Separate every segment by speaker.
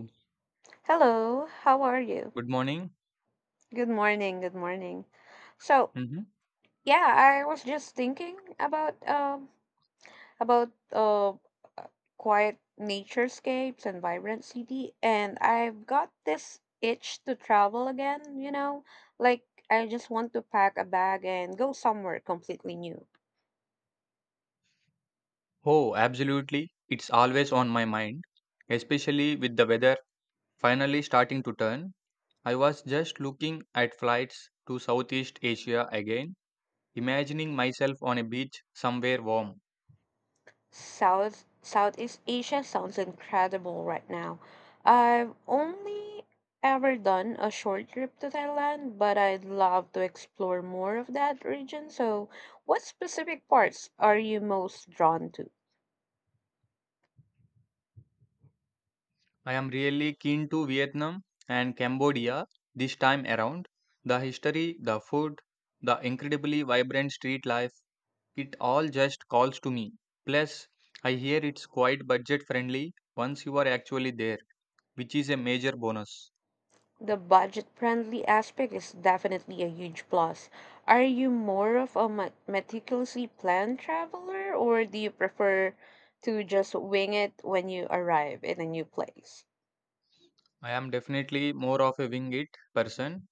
Speaker 1: Good
Speaker 2: Hello, how are you?
Speaker 1: morning.
Speaker 2: Good morning, good morning. So,
Speaker 1: Hmm.
Speaker 2: yeah, I was just thinking about about uh uh, quiet naturescapes and vibrant city, and I've got this itch to travel again, you know? Like I just want to pack a bag and go somewhere completely new.
Speaker 1: Oh, absolutely. It's always on my mind, especially with the weather finally starting to turn. I was just looking at flights to Southeast Asia again, imagining myself on a beach somewhere warm.
Speaker 2: Southeast Asia sounds incredible right now. I've only ever done a short trip to Thailand, but I'd love to explore more of that region. So, what specific parts are you most drawn to?
Speaker 1: I am really keen to Vietnam and Cambodia this time around. The history, the food, the incredibly vibrant street life, it all just calls to me. Plus, I hear it's quite budget friendly once you are actually there, which is a major bonus.
Speaker 2: The budget-friendly aspect is definitely a huge plus. Are you more of a meticulously planned traveler, or do you prefer to just wing it when you arrive in a new place?
Speaker 1: I am definitely more of a wing it person,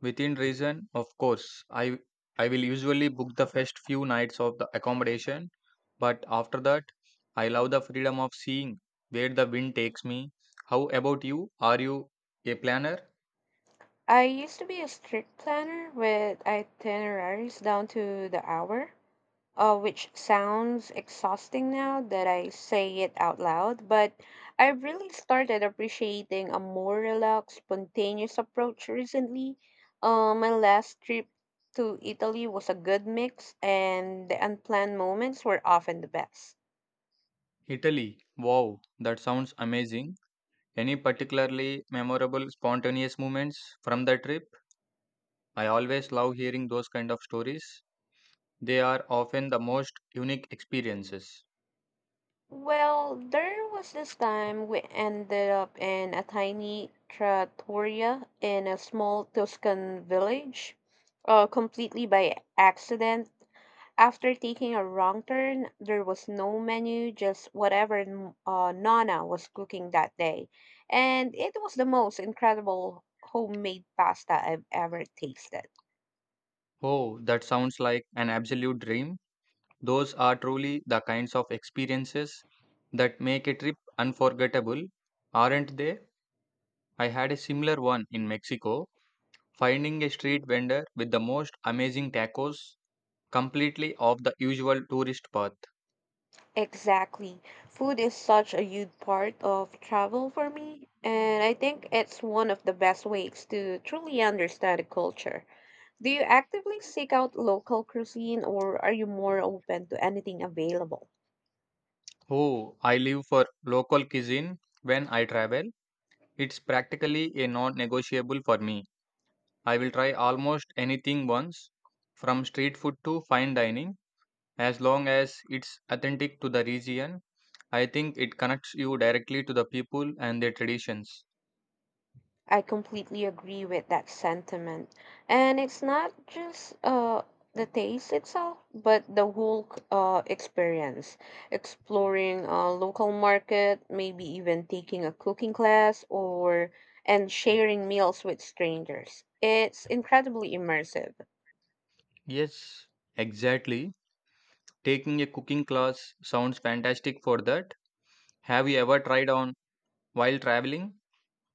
Speaker 1: within reason, of course. I I will usually book the first few nights of the accommodation, but after that, I love the freedom of seeing where the wind takes me. How about you? Are you a planner?
Speaker 2: I used to be a strict planner with itineraries down to the hour, which sounds exhausting now that I say it out loud, but I've really started appreciating a more relaxed, spontaneous approach recently. My last trip to Italy was a good mix, and the unplanned moments were often the best.
Speaker 1: Italy. Wow, that sounds amazing. Any particularly memorable spontaneous moments from the trip? I always love hearing those kind of stories. They are often the most unique experiences.
Speaker 2: Well, there was this time we ended up in a tiny trattoria in a small Tuscan village, completely by accident. After taking a wrong turn, there was no menu, just whatever Nana was cooking that day. And it was the most incredible homemade pasta I've ever tasted.
Speaker 1: Oh, that sounds like an absolute dream. Those are truly the kinds of experiences that make a trip unforgettable, aren't they? I had a similar one in Mexico, finding a street vendor with the most amazing tacos, completely off the usual tourist path.
Speaker 2: Exactly. Food is such a huge part of travel for me, and I think it's one of the best ways to truly understand a culture. Do you actively seek out local cuisine or are you more open to anything available?
Speaker 1: Oh, I live for local cuisine when I travel. It's practically a non negotiable for me. I will try almost anything once, from street food to fine dining, as long as it's authentic to the region. I think it connects you directly to the people and their traditions.
Speaker 2: I completely agree with that sentiment. And it's not just the taste itself, but the whole experience. Exploring a local market, maybe even taking a cooking class, or and sharing meals with strangers. It's incredibly immersive.
Speaker 1: Yes, exactly. Taking a cooking class sounds fantastic for that. Have you ever tried on while traveling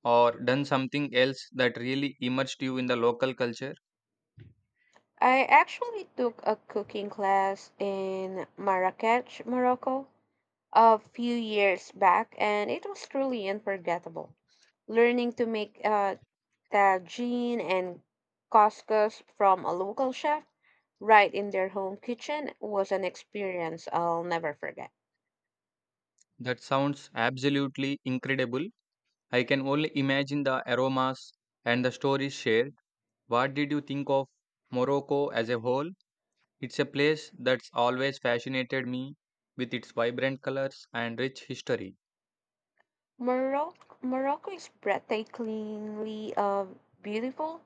Speaker 1: or done something else that really immersed you in the local culture?
Speaker 2: I actually took a cooking class in Marrakech, Morocco, a few years back, and it was truly unforgettable learning to make tagine and couscous from a local chef right in their home kitchen was an experience I'll never forget.
Speaker 1: That sounds absolutely incredible. I can only imagine the aromas and the stories shared. What did you think of Morocco as a whole? It's a place that's always fascinated me with its vibrant colors and rich history.
Speaker 2: Morocco is breathtakingly beautiful,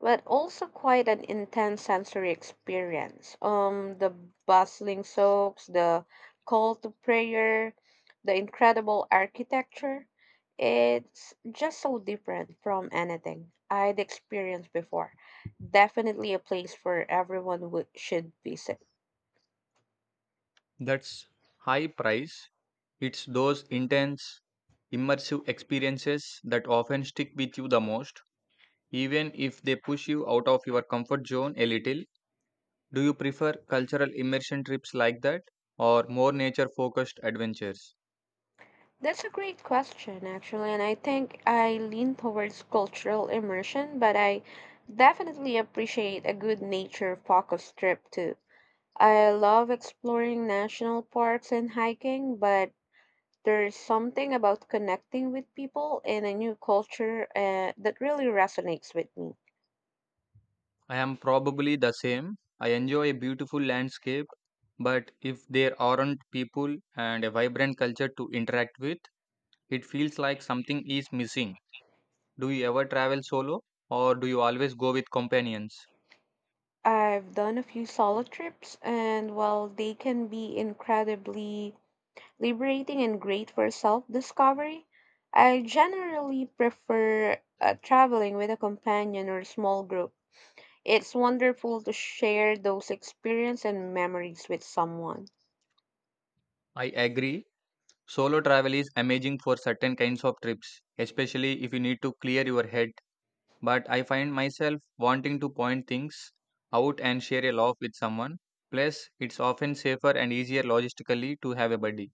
Speaker 2: but also quite an intense sensory experience. The bustling souks, the call to prayer, the incredible architecture. It's just so different from anything I'd experienced before. Definitely a place where should visit.
Speaker 1: That's high price. It's those intense, immersive experiences that often stick with you the most, even if they push you out of your comfort zone a little. Do you prefer cultural immersion trips like that or more nature focused adventures?
Speaker 2: That's a great question, actually, and I think I lean towards cultural immersion, but I definitely appreciate a good nature-focused trip too. I love exploring national parks and hiking, but there's something about connecting with people in a new culture that really resonates with me.
Speaker 1: I am probably the same. I enjoy a beautiful landscape, but if there aren't people and a vibrant culture to interact with, it feels like something is missing. Do you ever travel solo or do you always go with companions?
Speaker 2: I've done a few solo trips, and while they can be incredibly liberating and great for self discovery. I generally prefer traveling with a companion or small group. It's wonderful to share those experiences and memories with someone.
Speaker 1: I agree. Solo travel is amazing for certain kinds of trips, especially if you need to clear your head. But I find myself wanting to point things out and share a laugh with someone. Plus, it's often safer and easier logistically to have a buddy.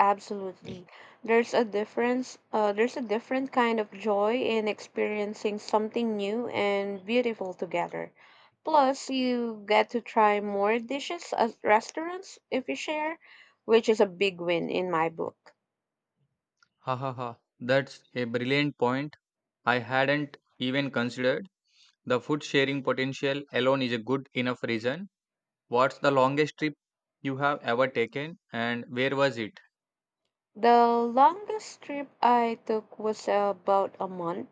Speaker 2: Absolutely. There's a different kind of joy in experiencing something new and beautiful together. Plus, you get to try more dishes at restaurants if you share, which is a big win in my book.
Speaker 1: Ha ha ha. That's a brilliant point. I hadn't even considered. The food sharing potential alone is a good enough reason. What's the longest trip you have ever taken and where was it?
Speaker 2: The longest trip I took was about a month,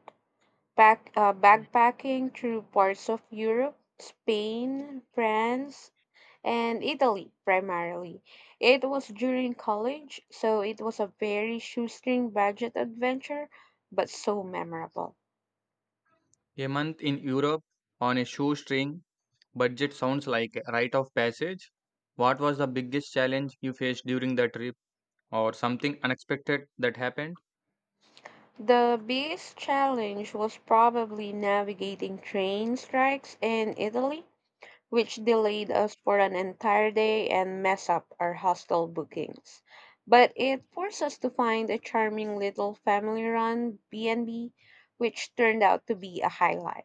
Speaker 2: backpacking through parts of Europe, Spain, France, and Italy primarily. It was during college, so it was a very shoestring budget adventure, but so memorable.
Speaker 1: A month in Europe on a shoestring budget sounds like a rite of passage. What was the biggest challenge you faced during the trip or something unexpected that happened?
Speaker 2: The biggest challenge was probably navigating train strikes in Italy, which delayed us for an entire day and messed up our hostel bookings. But it forced us to find a charming little family-run B&B, which turned out to be a highlight.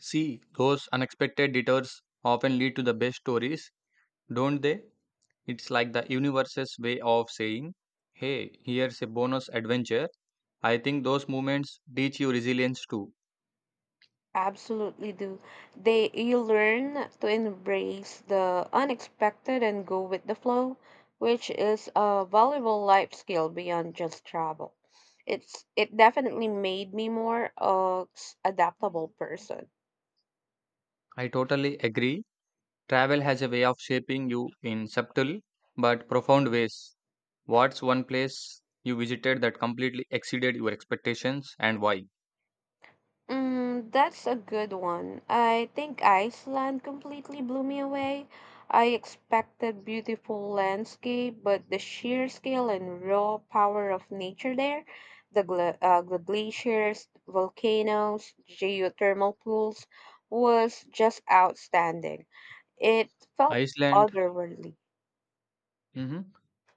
Speaker 1: See, those unexpected detours often lead to the best stories, don't they? It's like the universe's way of saying, hey, here's a bonus adventure. I think those moments teach you resilience too.
Speaker 2: Absolutely do. They You learn to embrace the unexpected and go with the flow, which is a valuable life skill beyond just travel. It definitely made me more adaptable person.
Speaker 1: I totally agree. Travel has a way of shaping you in subtle but profound ways. What's one place you visited that completely exceeded your expectations and why?
Speaker 2: Mm, that's a good one. I think Iceland completely blew me away. I expected beautiful landscape, but the sheer scale and raw power of nature there, the gla the glaciers, volcanoes, geothermal pools, was just outstanding. It felt
Speaker 1: Iceland.
Speaker 2: otherworldly.
Speaker 1: Hmm.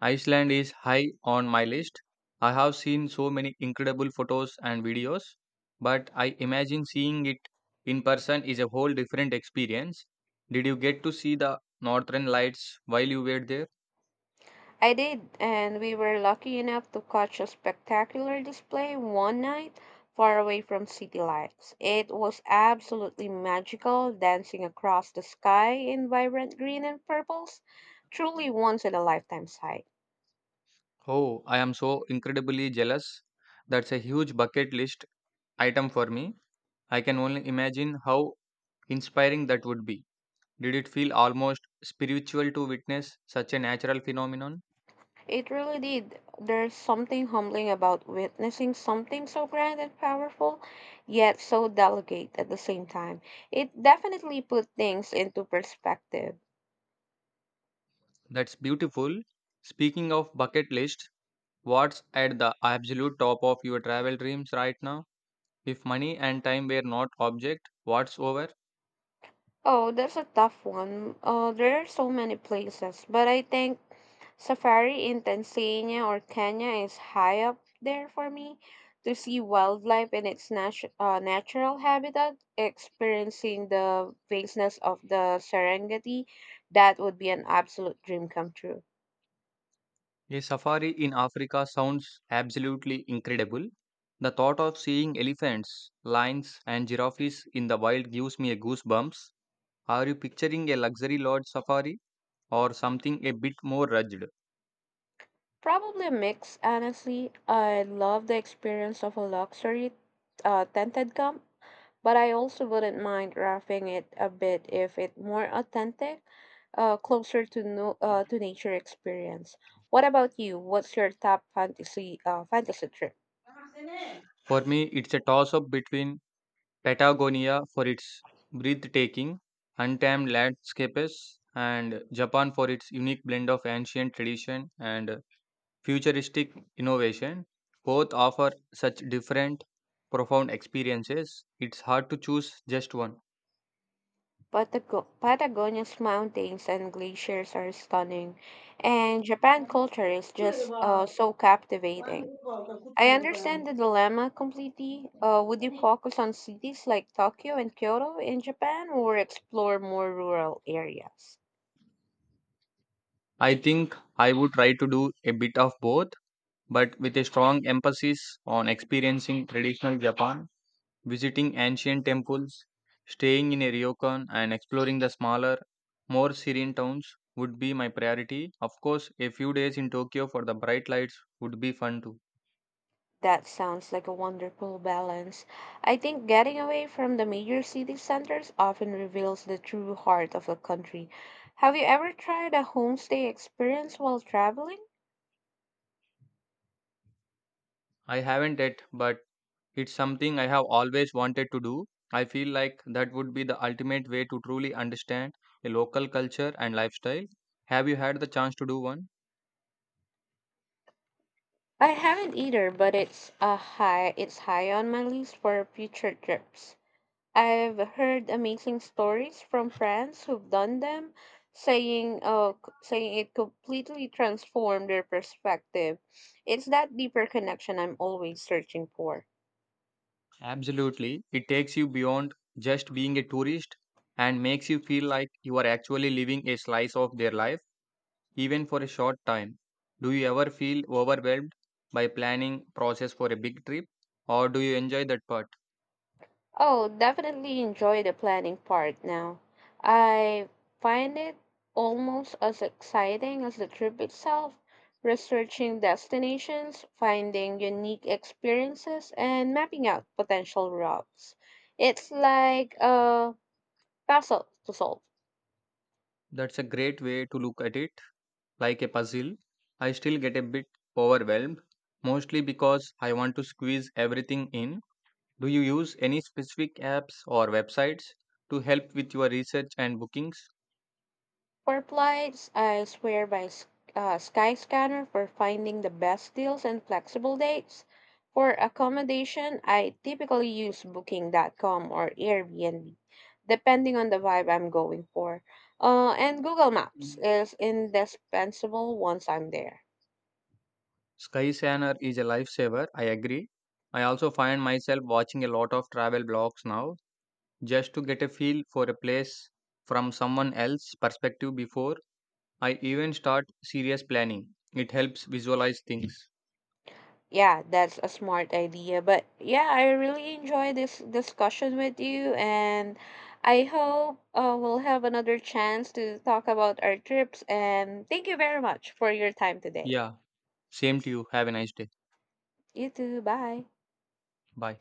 Speaker 1: Iceland is high on my list. I have seen so many incredible photos and videos, but I imagine seeing it in person is a whole different experience. Did you get to see the northern lights while you were there?
Speaker 2: I did, and we were lucky enough to catch a spectacular display one night far away from city lights. It was absolutely magical, dancing across the sky in vibrant green and purples. Truly once in a lifetime sight.
Speaker 1: Oh, I am so incredibly jealous. That's a huge bucket list item for me. I can only imagine how inspiring that would be. Did it feel almost spiritual to witness such a natural phenomenon?
Speaker 2: It really did. There's something humbling about witnessing something so grand and powerful, yet so delicate at the same time. It definitely put things into perspective.
Speaker 1: That's beautiful. Speaking of bucket list, what's at the absolute top of your travel dreams right now? If money and time were not object, what's over?
Speaker 2: Oh, that's a tough one. There are so many places, but I think safari in Tanzania or Kenya is high up there for me to see wildlife in its natural habitat, experiencing the vastness of the Serengeti. That would be an absolute dream come true.
Speaker 1: A safari in Africa sounds absolutely incredible. The thought of seeing elephants, lions, and giraffes in the wild gives me a goosebumps. Are you picturing a luxury lodge safari or something a bit more rugged?
Speaker 2: Probably a mix, honestly. I love the experience of a luxury tented camp. But I also wouldn't mind roughing it a bit if it more authentic, closer to no, to nature experience. What about you? What's your top fantasy trip?
Speaker 1: For me, it's a toss up between Patagonia for its breathtaking, untamed landscapes and Japan for its unique blend of ancient tradition and futuristic innovation. Both offer such different, profound experiences. It's hard to choose just one.
Speaker 2: Patagonia's mountains and glaciers are stunning, and Japan culture is just so captivating. I understand the dilemma completely. Would you focus on cities like Tokyo and Kyoto in Japan or explore more rural areas?
Speaker 1: I think I would try to do a bit of both, but with a strong emphasis on experiencing traditional Japan, visiting ancient temples, staying in a ryokan, and exploring the smaller, more serene towns would be my priority. Of course, a few days in Tokyo for the bright lights would be fun too.
Speaker 2: That sounds like a wonderful balance. I think getting away from the major city centers often reveals the true heart of a country. Have you ever tried a homestay experience while traveling?
Speaker 1: I haven't yet, but it's something I have always wanted to do. I feel like that would be the ultimate way to truly understand a local culture and lifestyle. Have you had the chance to do one?
Speaker 2: I haven't either, but it's a high it's high on my list for future trips. I've heard amazing stories from friends who've done them, saying it completely transformed their perspective. It's that deeper connection I'm always searching for.
Speaker 1: Absolutely. It takes you beyond just being a tourist and makes you feel like you are actually living a slice of their life even for a short time. Do you ever feel overwhelmed by planning process for a big trip or do you enjoy that part?
Speaker 2: Oh, definitely enjoy the planning part now. I find it almost as exciting as the trip itself, researching destinations, finding unique experiences, and mapping out potential routes. It's like a puzzle to solve.
Speaker 1: That's a great way to look at it like a puzzle. I still get a bit overwhelmed mostly because I want to squeeze everything in. Do you use any specific apps or websites to help with your research and bookings?
Speaker 2: For flights, I swear by Skyscanner for finding the best deals and flexible dates. For accommodation, I typically use Booking.com or Airbnb, depending on the vibe I'm going for. And Google Maps is indispensable once I'm there.
Speaker 1: Skyscanner is a lifesaver, I agree. I also find myself watching a lot of travel blogs now just to get a feel for a place from someone else's perspective before I even start serious planning. It helps visualize things.
Speaker 2: Yeah, that's a smart idea. But yeah, I really enjoy this discussion with you, and I hope we'll have another chance to talk about our trips. And thank you very much for your time today.
Speaker 1: Yeah, same to you. Have a nice day.
Speaker 2: You too. Bye.
Speaker 1: Bye.